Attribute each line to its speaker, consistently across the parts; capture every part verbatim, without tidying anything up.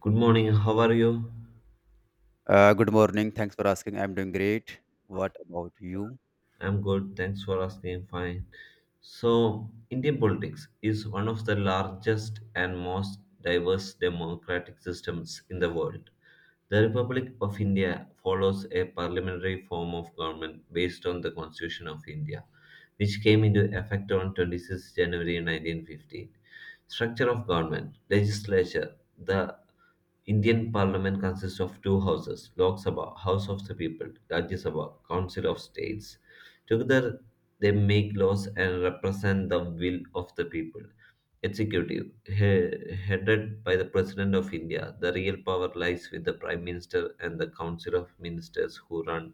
Speaker 1: Good morning, how are you?
Speaker 2: Uh, good morning. Thanks for asking. I'm doing great. What about you?
Speaker 1: I'm good, thanks for asking. Fine. So, Indian politics is one of the largest and most diverse democratic systems in the world. The Republic of India follows a parliamentary form of government based on the Constitution of India, which came into effect on twenty-sixth of January nineteen fifteen. Structure of government, legislature, the Indian parliament consists of two houses, Lok Sabha, House of the People, Rajya Sabha, Council of States. Together, they make laws and represent the will of the people. Executive, he- headed by the President of India, the real power lies with the Prime Minister and the Council of Ministers who run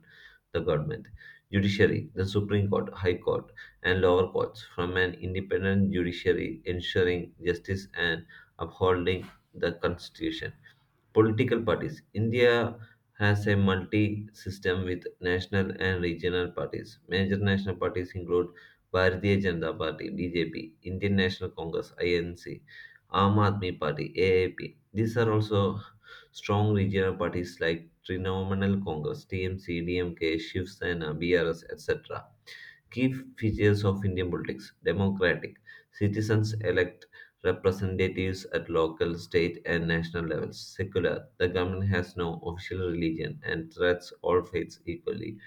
Speaker 1: the government. Judiciary, the Supreme Court, High Court, and lower courts from an independent judiciary ensuring justice and upholding the Constitution. Political parties. India has a multi system with national and regional parties. Major national parties include Bharatiya Janata Party (B J P), Indian National Congress (I N C), Aam Aadmi Party (AAP). These are also strong regional parties like Trinamool Congress (T M C), D M K, Shiv Sena, B R S, et cetera. Key features of Indian politics democratic. Citizens elect representatives at local, state, and national levels. Secular. The government has no official religion and treats all faiths equally.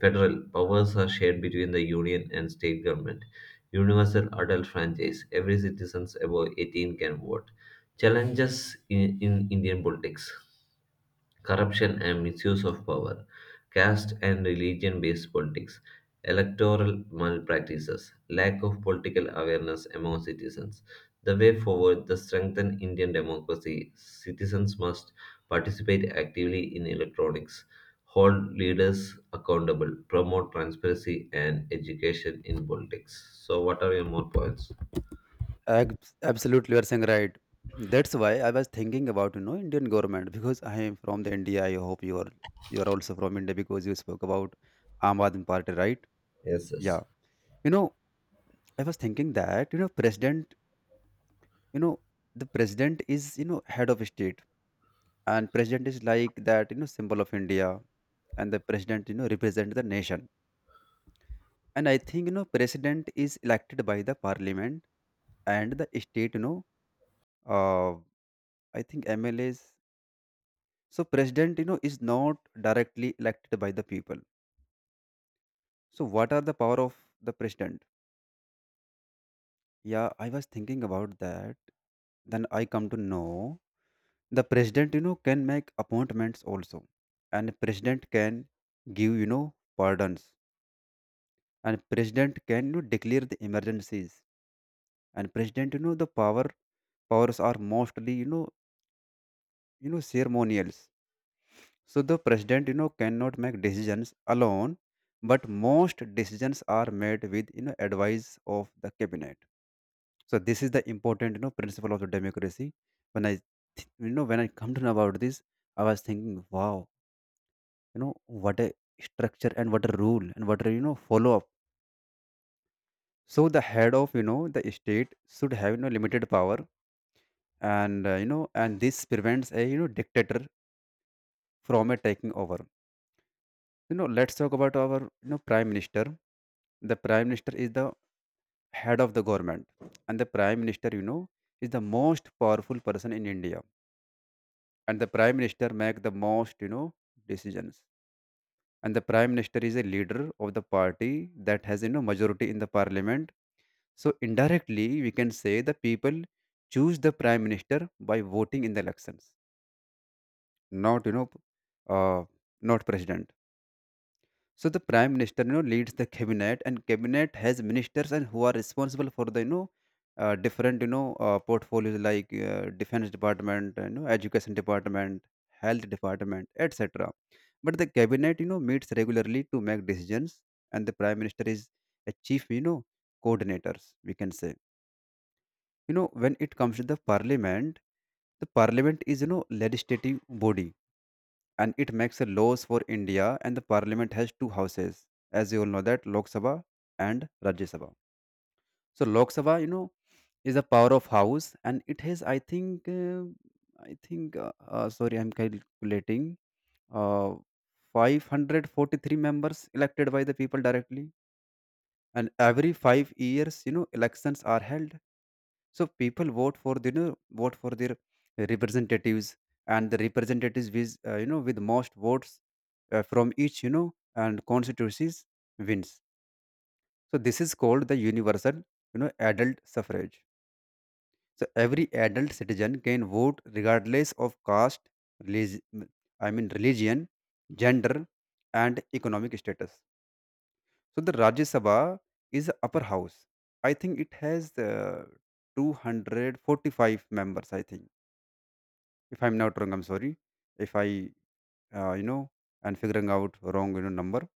Speaker 1: Federal. Powers are shared between the union and state government. Universal adult franchise. Every citizen above eighteen can vote. Challenges in, in Indian politics, corruption and misuse of power, caste and religion based politics, electoral malpractices, lack of political awareness among citizens. The way forward to strengthen Indian democracy, citizens must participate actively in electronics, hold leaders accountable, promote transparency and education in politics. So, what are your more points?
Speaker 2: Abs- Absolutely, you are saying right. That's why I was thinking about you know Indian government because I am from the India. I hope you are you are also from India because you spoke about Aam Aadmi Party, right?
Speaker 1: Yes,
Speaker 2: Yeah.
Speaker 1: yes.
Speaker 2: You know, I was thinking that you know president. You know, the president is you know head of state, and president is like that you know symbol of India, and the president you know represent the nation. And I think you know president is elected by the parliament and the state you know uh, I think mlas so president you know is not directly elected by the people. So what are the power of the president? Yeah, I was thinking about that. Then I come to know the president you know can make appointments also, and president can give you know pardons, and president can you know, declare the emergencies, and president you know the power powers are mostly you know you know ceremonial. So the president, you know, cannot make decisions alone, but most decisions are made with you know advice of the cabinet. So this is the important you know principle of the democracy. When I th- you know when I come to know about this, I was thinking, wow, you know what a structure and what a rule and what a you know follow up. So the head of you know the state should have you know limited power and uh, you know and this prevents a you know dictator from a taking over. You know, let's talk about our you know prime minister. The prime minister is the head of the government, and the prime minister, you know, is the most powerful person in India. And the prime minister make the most you know decisions. And the prime minister is a leader of the party that has you know majority in the parliament. So indirectly, we can say the people choose the prime minister by voting in the elections, not you know, uh, not president. So the prime minister, you know, leads the cabinet, and cabinet has ministers and who are responsible for the, you know, uh, different, you know, uh, portfolios like uh, defense department, you know, education department, health department, et cetera. But the cabinet, you know, meets regularly to make decisions, and the prime minister is a chief, you know, coordinators. We can say, you know, when it comes to the parliament, the parliament is, you know, legislative body and it makes a laws for India, and the parliament has two houses as you all know that Lok Sabha and Rajya Sabha. So Lok Sabha you know is a power of house and it has I think uh, I think uh, uh, sorry I'm calculating uh, five hundred forty-three members elected by the people directly, and every five years you know elections are held. So people vote for the, you know vote for their representatives, and the representatives with uh, you know with most votes uh, from each you know and constituencies wins. So this is called the universal you know adult suffrage. So every adult citizen can vote regardless of caste, relig- I mean religion, gender, and economic status. So the Rajya Sabha is the upper house. I think it has uh, two hundred forty-five members. I think. If I'm not wrong, I'm sorry. If I, uh, you know, and figuring out wrong, you know, number.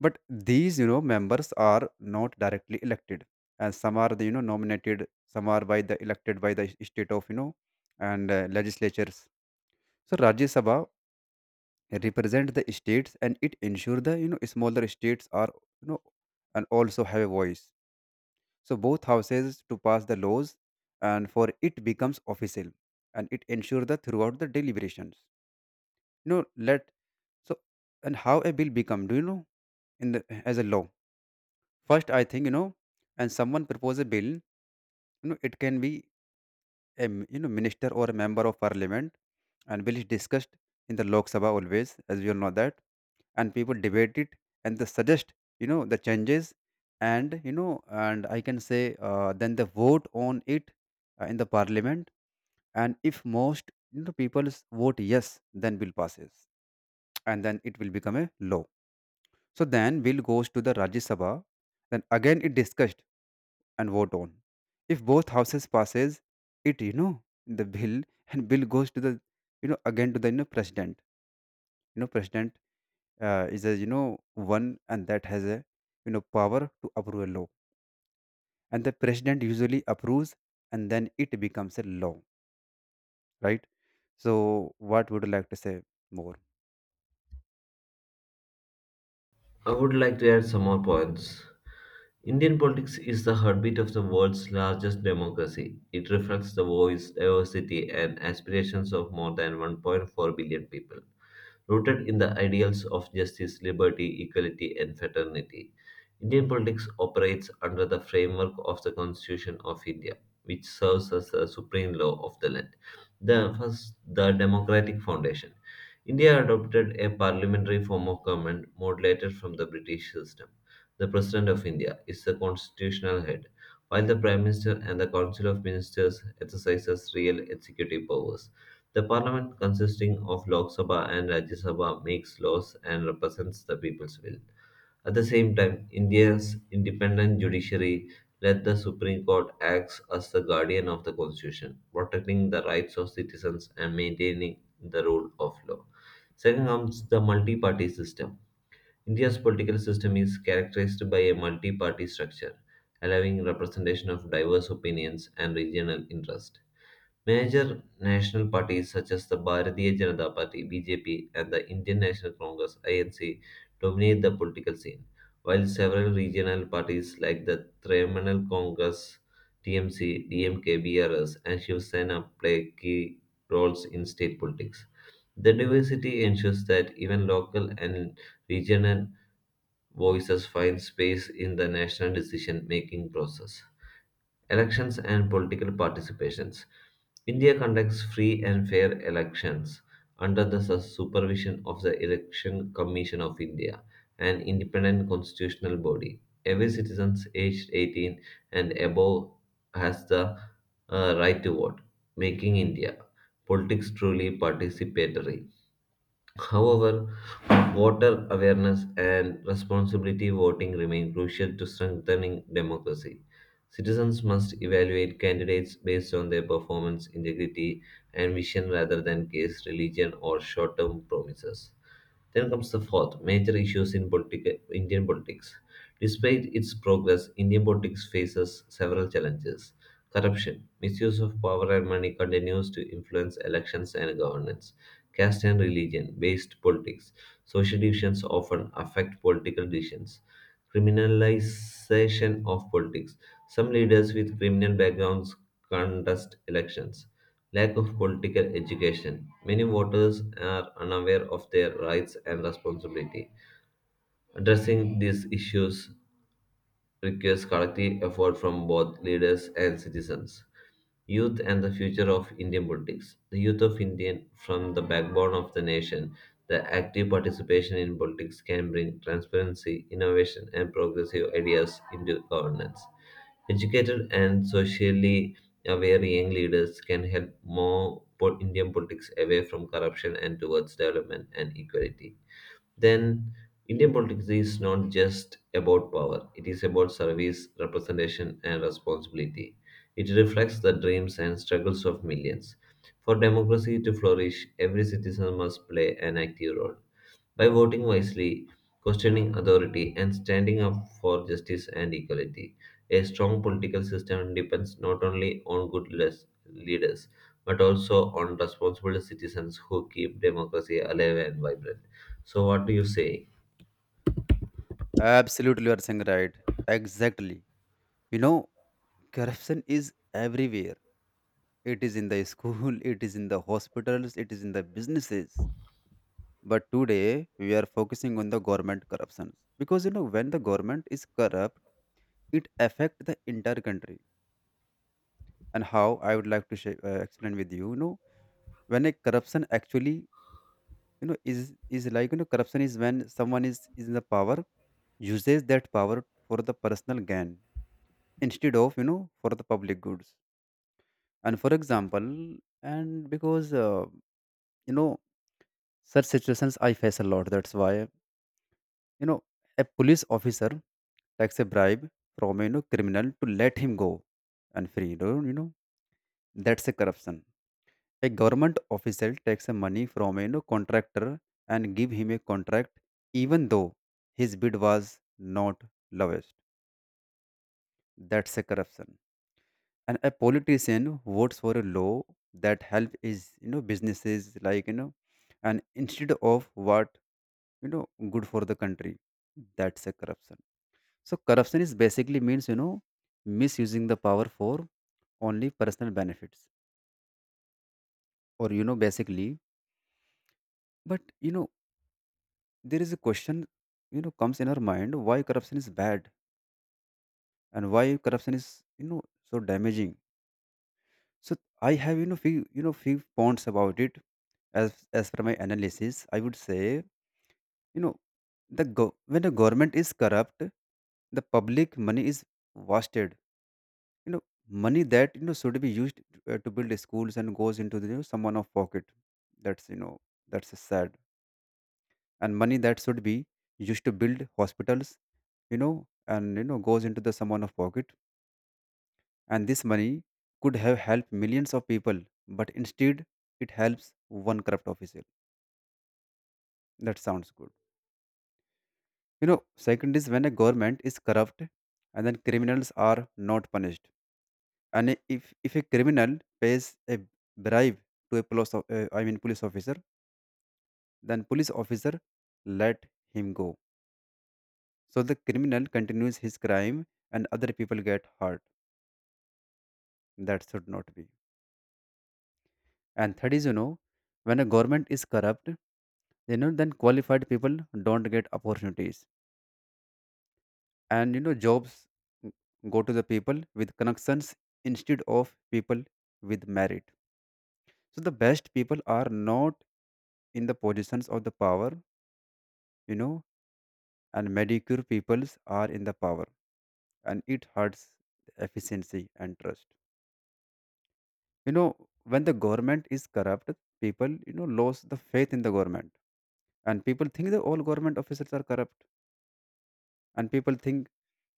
Speaker 2: But these, you know, members are not directly elected, and some are, the, you know, nominated. Some are by the elected by the state of, you know, and uh, legislatures. So Rajya Sabha represent the states, and it ensure the, you know, smaller states are, you know, and also have a voice. So both houses to pass the laws, and for it becomes official, and it ensure the throughout the deliberations you know let. So, and how a bill become? Do you know? In the as a law, first I think you know, and someone propose a bill. You know, it can be a m- you know minister or a member of parliament, and bill is discussed in the Lok Sabha always, as we all know that, and people debate it and they suggest you know the changes, and you know, and I can say uh, then they vote on it uh, in the parliament, and if most you know people vote yes, then bill passes, and then it will become a law. So then bill goes to the Rajya Sabha, then again it discussed and vote on. If both houses passes it, you know, the bill and bill goes to the, you know, again to the you know, president. You know, president uh, is a you know one and that has a you know power to approve a law, and the president usually approves, and then it becomes a law, right? So what would you like to say more?
Speaker 1: I would like to add some more points. Indian politics is the heartbeat of the world's largest democracy. It reflects the voice, diversity, and aspirations of more than one point four billion people, rooted in the ideals of justice, liberty, equality, and fraternity. Indian politics operates under the framework of the Constitution of India, which serves as the supreme law of the land. The first, the democratic foundation. India adopted a parliamentary form of government modulated from the British system. The President of India is the constitutional head, while the Prime Minister and the Council of Ministers exercises real executive powers. The parliament, consisting of Lok Sabha and Rajya Sabha, makes laws and represents the people's will. At the same time, India's independent judiciary let the Supreme Court act as the guardian of the constitution, protecting the rights of citizens and maintaining the rule of law. Second comes the multi-party system. India's political system is characterized by a multi-party structure, allowing representation of diverse opinions and regional interests. Major national parties such as the Bharatiya Janata Party (B J P) and the Indian National Congress (I N C) dominate the political scene, while several regional parties like the Trinamool Congress (T M C), D M K, B R S, and Shiv Sena play key roles in state politics. The diversity ensures that even local and regional voices find space in the national decision-making process. Elections and political participations. India conducts free and fair elections under the su- supervision of the Election Commission of India, an independent constitutional body. Every citizen aged eighteen and above has the uh, right to vote, making India politics truly participatory. However, voter awareness and responsibility voting remain crucial to strengthening democracy. Citizens must evaluate candidates based on their performance, integrity, and vision rather than case, religion, or short term promises. Then comes the fourth major issues in politica- Indian politics. Despite its progress, Indian politics faces several challenges. Corruption, misuse of power and money continues to influence elections and governance. Caste and religion based politics, social divisions often affect political decisions. Criminalization of politics, some leaders with criminal backgrounds contest elections. Lack of political education. Many voters are unaware of their rights and responsibility. Addressing these issues requires collective effort from both leaders and citizens. Youth and the future of Indian politics. The youth of Indian from the backbone of the nation, the active participation in politics can bring transparency, innovation, and progressive ideas into governance. Educated and socially aware young leaders can help more po- Indian politics away from corruption and towards development and equality then Indian politics is not just about power, it is about service, representation, and responsibility. It reflects the dreams and struggles of millions. For democracy to flourish, every citizen must play an active role. By voting wisely, questioning authority, and standing up for justice and equality, a strong political system depends not only on good les- leaders but also on responsible citizens who keep democracy alive and vibrant. So, what do you say?
Speaker 2: Absolutely, you are saying right. Exactly. You know, corruption is everywhere. It is in the school, it is in the hospitals, it is in the businesses. But today we are focusing on the government corruptions because you know when the government is corrupt, it affect the entire country. And how I would like to sh- uh, explain with you, you know, when a corruption actually, you know, is is like you know corruption is when someone is is in the power uses that power for the personal gain instead of you know for the public goods. And for example, and because uh, you know Such situations I face a lot. That's why you know a police officer takes a bribe from a you know, criminal to let him go and free. You know, you know that's a corruption. A government official takes a money from a you know, contractor and give him a contract even though his bid was not lowest. That's a corruption. And a politician votes for a law that help is you know businesses like you know and instead of what you know good for the country, that's a corruption. So corruption is basically means you know misusing the power for only personal benefits or you know basically. But you know there is a question you know comes in our mind, why corruption is bad and why corruption is you know so damaging. So I have you know few you know few points about it. as as per my analysis, I would say you know the go- when the government is corrupt, the public money is wasted. you know money that you know should be used to, uh, to build schools and goes into the you know, someone of pocket. That's you know that's sad. And money that should be used to build hospitals you know and you know goes into the someone of pocket, and this money could have helped millions of people, but instead it helps one corrupt official. That sounds good. you know second is when a government is corrupt, and then criminals are not punished. And if if a criminal pays a bribe to a police o- uh, I mean police officer, then police officer let him go. So the criminal continues his crime and other people get hurt. That should not be. And third is you know when a government is corrupt, you know then qualified people don't get opportunities, and you know jobs go to the people with connections instead of people with merit. So the best people are not in the positions of the power, you know and medicure peoples are in the power, and it hurts efficiency and trust. you know when the government is corrupt, people you know lose the faith in the government, and people think that all government officers are corrupt, and people think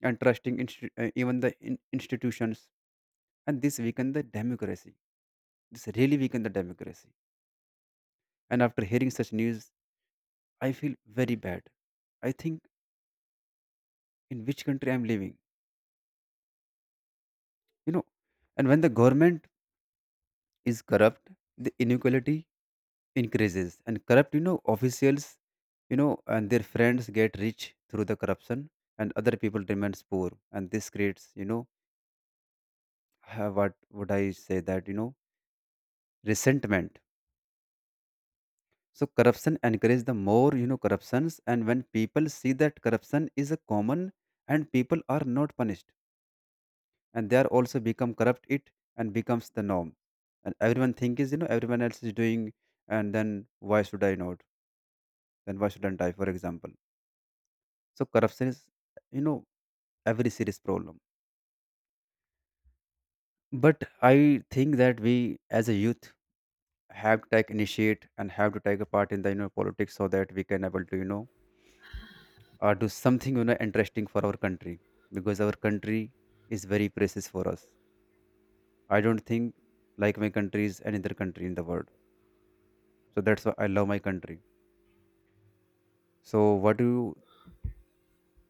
Speaker 2: and trusting insti- uh, even the in- institutions, and this weaken the democracy. This really weaken the democracy. And after hearing such news, I feel very bad. I think in which country I'm living. you know and when the government is corrupt, the inequality increases, and corrupt, you know, officials, you know, and their friends get rich through the corruption, and other people remains poor, and this creates, you know, ha- what would I say that you know, resentment. So corruption encourages the more you know corruptions, and when people see that corruption is a common, and people are not punished, and they are also become corrupt it and becomes the norm, and everyone think is you know everyone else is doing, and then why should I not? Then why shouldn't I, for example? So corruption is, you know, every serious problem. But I think that we, as a youth, have to take initiate and have to take a part in the, you know, politics so that we can able to you know uh, do something, you know, interesting for our country, because our country is very precious for us. I don't think like my country is any other country in the world, so that's why I love my country. So what do you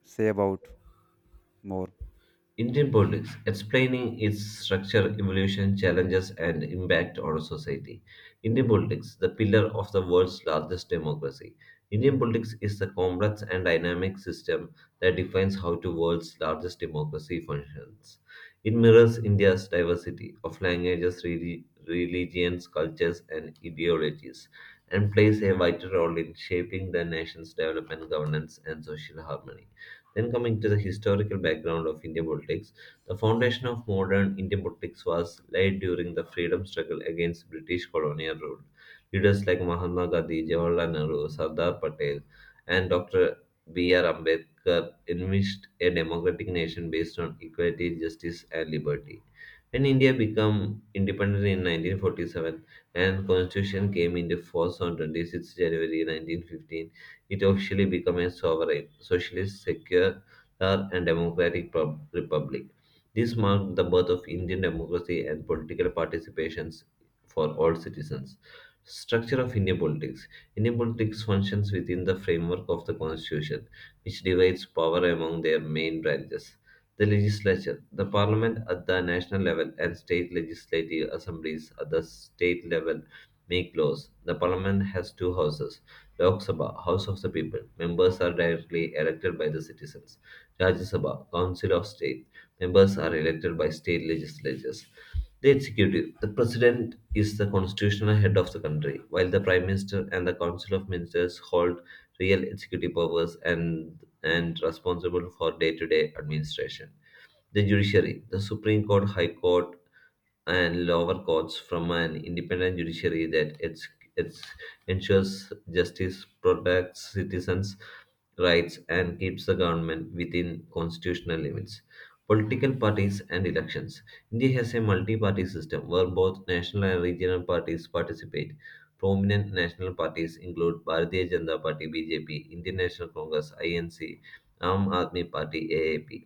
Speaker 2: say about more?
Speaker 1: Indian politics, explaining its structure, evolution, challenges, and impact on society. Indian politics, the pillar of the world's largest democracy. Indian politics is the complex and dynamic system that defines how the world's largest democracy functions. It mirrors India's diversity of languages, reli- religions, cultures, and ideologies, and plays a vital role in shaping the nation's development, governance, and social harmony. Then coming to the historical background of Indian politics, the foundation of modern Indian politics was laid during the freedom struggle against British colonial rule. Leaders like Mahatma Gandhi, Jawaharlal Nehru, Sardar Patel, and Doctor B R. Ambedkar envisioned a democratic nation based on equality, justice, and liberty. When India became independent in nineteen forty-seven and constitution came into force on twenty-sixth of January nineteen fifteen, it officially became a sovereign, socialist, secular, and democratic pub- republic. This marked the birth of Indian democracy and political participations for all citizens. Structure of Indian politics. Indian politics functions within the framework of the constitution, which divides power among their main branches. The legislature, the parliament at the national level, and state legislative assemblies at the state level make laws. The parliament has two houses, Lok Sabha House of the People Members are directly elected by the citizens. Rajya Sabha Council of State Members are elected by state legislatures. The executive. The president is the constitutional head of the country, while the prime minister and the council of ministers hold real executive powers and and responsible for day-to-day administration. The judiciary. The Supreme Court, High Court, and lower courts from an independent judiciary that it's, it's ensures justice, protects citizens' rights, and keeps the government within constitutional limits. Political parties and elections. India has a multi party system where both national and regional parties participate. Prominent national parties include Bharatiya Janata Party (B J P), Indian National Congress (I N C), Aam Aadmi Party (AAP).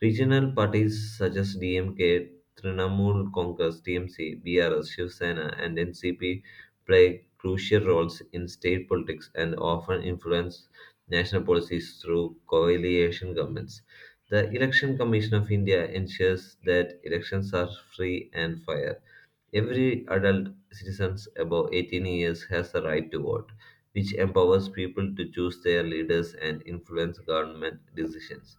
Speaker 1: Regional parties such as DMK, Trinamool Congress (TMC), BRS, Shiv Sena, and N C P play crucial roles in state politics and often influence national policies through coalition governments. The Election Commission of India ensures that elections are free and fair. Every adult citizen above eighteen years has the right to vote, which empowers people to choose their leaders and influence government decisions.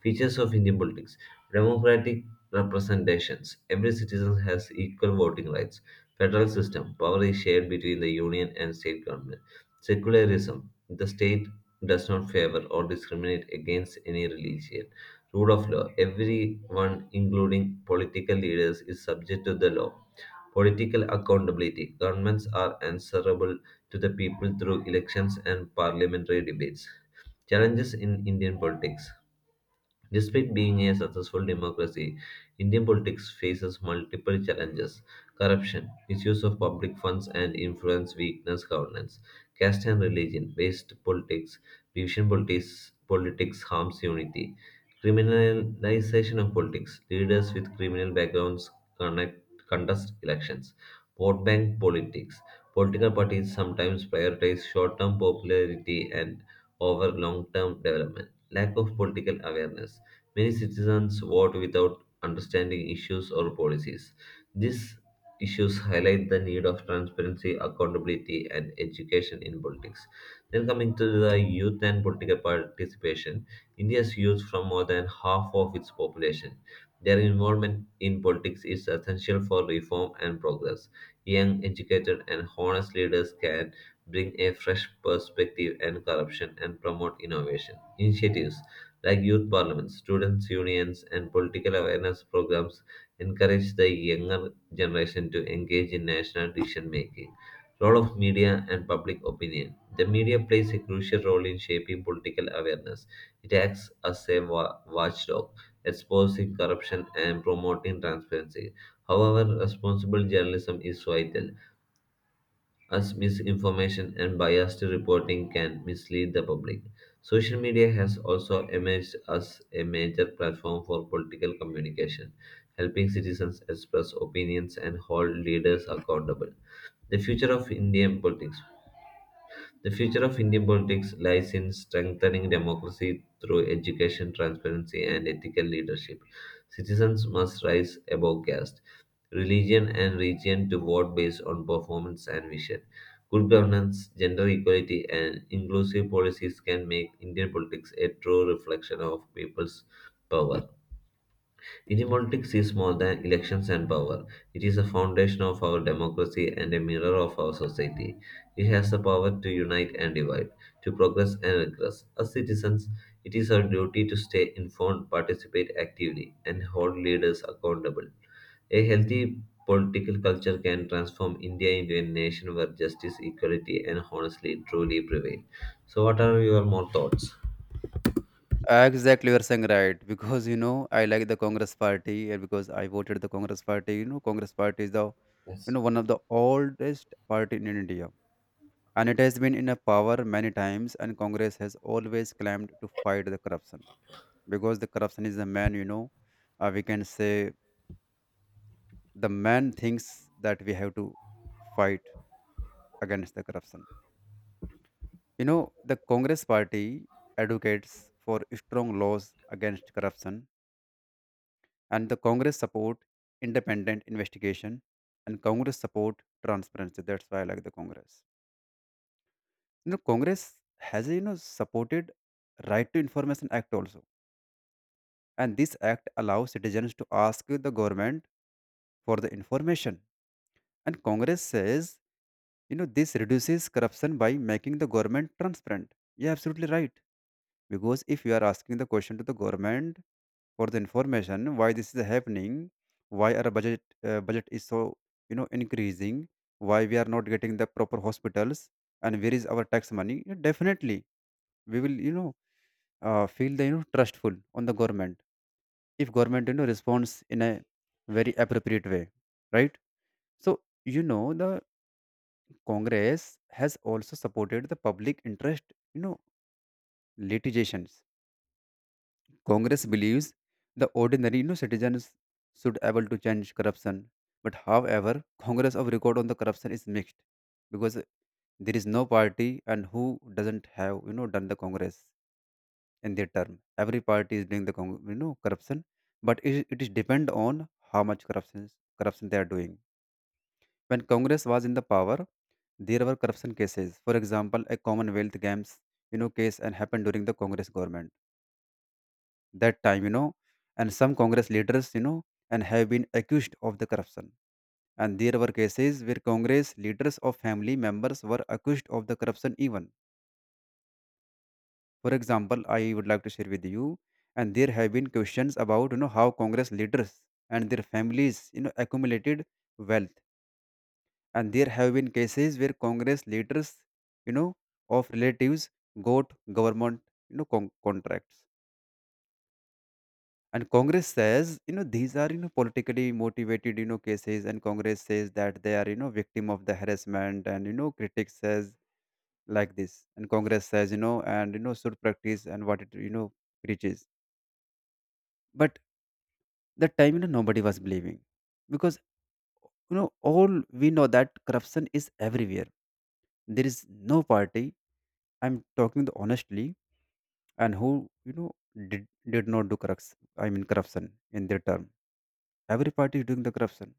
Speaker 1: Features of Indian politics, democratic representations. Every citizen has equal voting rights. Federal system. Power is shared between the union and state government. Secularism. The state does not favor or discriminate against any religion. Rule of law. Everyone, including political leaders, is subject to the law. Political accountability. Governments are answerable to the people through elections and parliamentary debates. Challenges in Indian politics. Despite being a successful democracy, Indian politics faces multiple challenges, corruption, misuse of public funds and influence, weakness, governance, caste and religion, based politics, division politics, politics harms unity, criminalization of politics, leaders with criminal backgrounds connect, contest elections, vote bank politics, political parties sometimes prioritize short term popularity and over long term development lack of political awareness. Many citizens vote without understanding issues or policies. These issues highlight the need of transparency, accountability, and education in politics. Then, coming to the youth and political participation, India's youth, from more than half of its population, their involvement in politics is essential for reform and progress. Young, educated, and honest leaders can bring a fresh perspective and corruption and promote innovation initiatives like youth parliaments, students' unions, and political awareness programs, encourage the younger generation to engage in national decision making. Role of media and public opinion. The media plays a crucial role in shaping political awareness. It acts as a wa- watchdog, exposing corruption and promoting transparency. However, responsible journalism is vital as misinformation and biased reporting can mislead the public. Social media has also emerged as a major platform for political communication, helping citizens express opinions and hold leaders accountable. The future of Indian politics. The future of Indian politics lies in strengthening democracy through education, transparency, and ethical leadership. Citizens must rise above caste, religion and region to vote based on performance and vision. Good governance, gender equality, and inclusive policies can make Indian politics a true reflection of people's power. Indian politics is more than elections and power. It is a foundation of our democracy and a mirror of our society. It has the power to unite and divide, to progress and regress. As citizens, it is our duty to stay informed, participate actively, and hold leaders accountable. A healthy political culture can transform India into a nation where justice, equality, and honestly truly prevail. So, what are your more thoughts?
Speaker 2: Exactly, you're saying right. Because, you know, I like the Congress Party, and because I voted the Congress Party, you know, Congress Party is the, you know, one of the oldest party in India, and it has been in a power many times, and Congress has always claimed to fight the corruption, because the corruption is the man, you know, uh, we can say the man thinks that we have to fight against the corruption. You know, the Congress Party advocates for strong laws against corruption, and the Congress support independent investigation, and Congress support transparency. That's why I like the Congress. You know, Congress has, you know, supported right to information act also, and this act allows citizens to ask the government for the information. And Congress says, you know, this reduces corruption by making the government transparent. You're absolutely right, because if you are asking the question to the government for the information, why this is happening, why our budget uh, budget is so, you know, increasing, why we are not getting the proper hospitals, and where is our tax money, you know, definitely we will, you know uh, feel the, you know, trustful on the government if government, you know, responds in a very appropriate way, right? So, you know, the Congress has also supported the public interest, you know, litigations. Congress believes the ordinary, you know, citizens should able to change corruption. But however, Congress of record on the corruption is mixed, because there is no party and who doesn't have, you know, done the Congress in their term. Every party is doing the con- you know, corruption, but it, it is depend on how much corruption corruption they are doing. When Congress was in the power, there were corruption cases. For example, a Commonwealth Games, you know, case and happened during the Congress government that time, you know, and some Congress leaders, you know, and have been accused of the corruption. And there were cases where Congress leaders of family members were accused of the corruption even. For example, I would like to share with you, and there have been questions about, you know, how Congress leaders and their families, you know, accumulated wealth. And there have been cases where Congress leaders, you know, of relatives got government, you know, con- contracts, and Congress says, you know, these are, you know, politically motivated, you know, cases, and Congress says that they are, you know, victim of the harassment, and, you know, critics says like this, and Congress says, you know, and you know should practice and what it, you know, preaches. But that time, you know, nobody was believing, because, you know, all we know that corruption is everywhere. There is no party, I'm talking the honestly, and who, you know, did did not do corruption, I mean corruption, in their term. Every party is doing the corruption.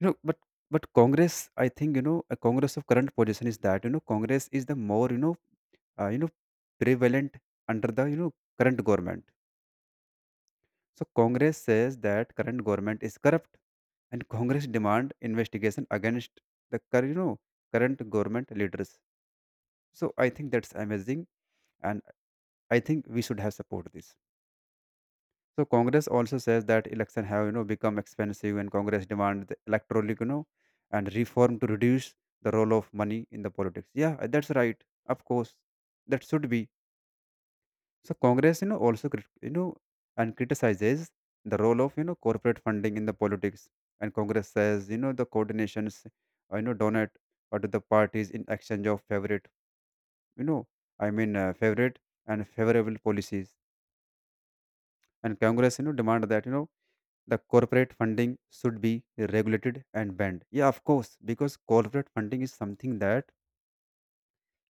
Speaker 2: You know, but but Congress, I think, you know, a Congress of current position is that, you know, Congress is the more, you know uh, you know prevalent under the, you know, current government. So Congress says that current government is corrupt, and Congress demand investigation against the cur- you know, current government leaders. So I think that's amazing, and I think we should have support this. So Congress also says that election have, you know, become expensive, and Congress demand the electoral, you know, and reform to reduce the role of money in the politics. Yeah, uh, that's right. Of course, that should be. So Congress, you know, also crit- you know, and criticizes the role of, you know, corporate funding in the politics, and Congress says, you know, the coordinations, uh, you know, donate or to the parties in exchange of favorite, you know, I mean uh, favorite and favorable policies, and Congress, you know, demand that, you know, the corporate funding should be regulated and banned. Yeah, of course, because corporate funding is something that,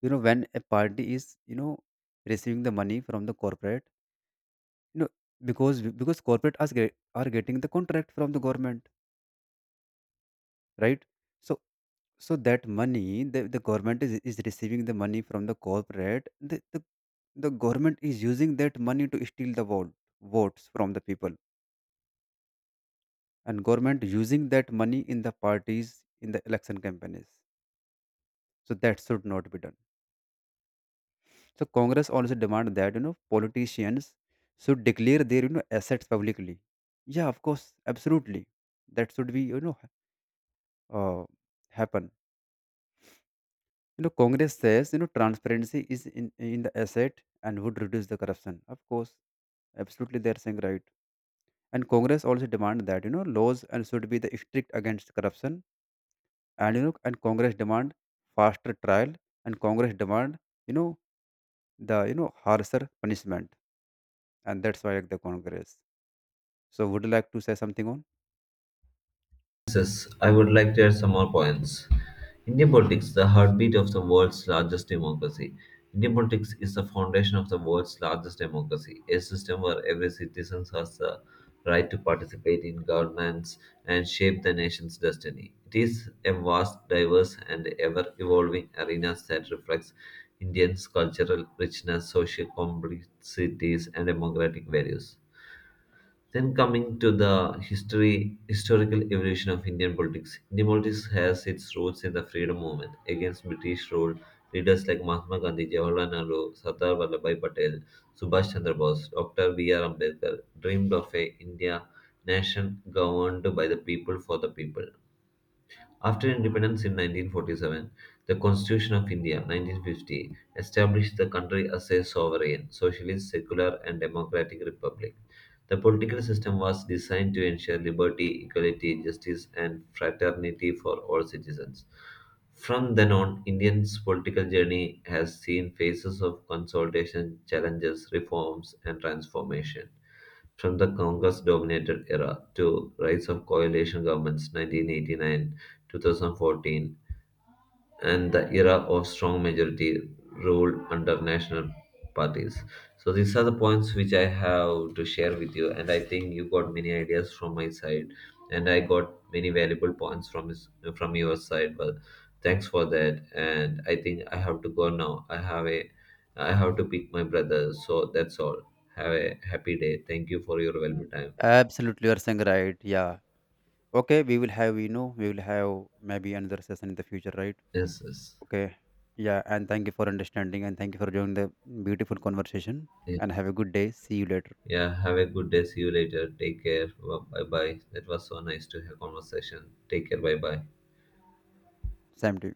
Speaker 2: you know, when a party is, you know, receiving the money from the corporate, you know, because because corporate are, get- are getting the contract from the government, right? So, so that money, the, the government is, is receiving the money from the corporate, the, the the government is using that money to steal the vote votes from the people, and government using that money in the parties in the election campaigns. So that should not be done. So Congress also demand that, you know, politicians should declare their, you know, assets publicly. Yeah, of course, absolutely. That should be, you know uh, happen. You know, Congress says, you know, transparency is in in the asset and would reduce the corruption. Of course, absolutely, they are saying right. And Congress also demand that, you know, laws and should be the strict against corruption. And, you know, and Congress demand faster trial, and Congress demand, you know, the, you know, harsher punishment, and that's why the Congress. So, would you like to say something on?
Speaker 1: Yes, I would like to add some more points. Indian politics, the heartbeat of the world's largest democracy. Indian politics is the foundation of the world's largest democracy, a system where every citizen has the right to participate in governments and shape the nation's destiny. It is a vast, diverse, and ever evolving arena that reflects Indians' cultural richness, social complexities, and democratic values. Then coming to the history, historical evolution of Indian politics, Indian politics has its roots in the freedom movement against British rule. Leaders like Mahatma Gandhi, Jawaharlal Nehru, Sardar Vallabhai Patel, Subhash Chandra Bose, Doctor B R. Ambedkar dreamed of a India nation governed by the people for the people. After independence in nineteen forty-seven, the Constitution of India (nineteen fifty) established the country as a sovereign, socialist, secular, and democratic republic. The political system was designed to ensure liberty, equality, justice, and fraternity for all citizens. From then on, India's political journey has seen phases of consolidation, challenges, reforms, and transformation from the Congress-dominated era to rise of coalition governments (nineteen eighty-nine-two thousand fourteen) and the era of strong majority rule under national parties. So these are the points which I have to share with you, and I think you got many ideas from my side, and I got many valuable points from his, from your side. Well, thanks for that, and I think I have to go now. I have a I have to pick my brother, so that's all. Have a happy day. Thank you for your valuable
Speaker 2: Mm.
Speaker 1: time.
Speaker 2: Absolutely, you are saying right. Yeah. Okay, we will have, you know we will have maybe another session in the future, right?
Speaker 1: Yes, yes.
Speaker 2: Okay. Yeah, and thank you for understanding, and thank you for joining the beautiful conversation.
Speaker 1: Yeah.
Speaker 2: And have a good day. See you later.
Speaker 1: Yeah, have a good day. See you later. Take care. Bye bye. That was so nice to have conversation. Take care. Bye bye.
Speaker 2: Same to you.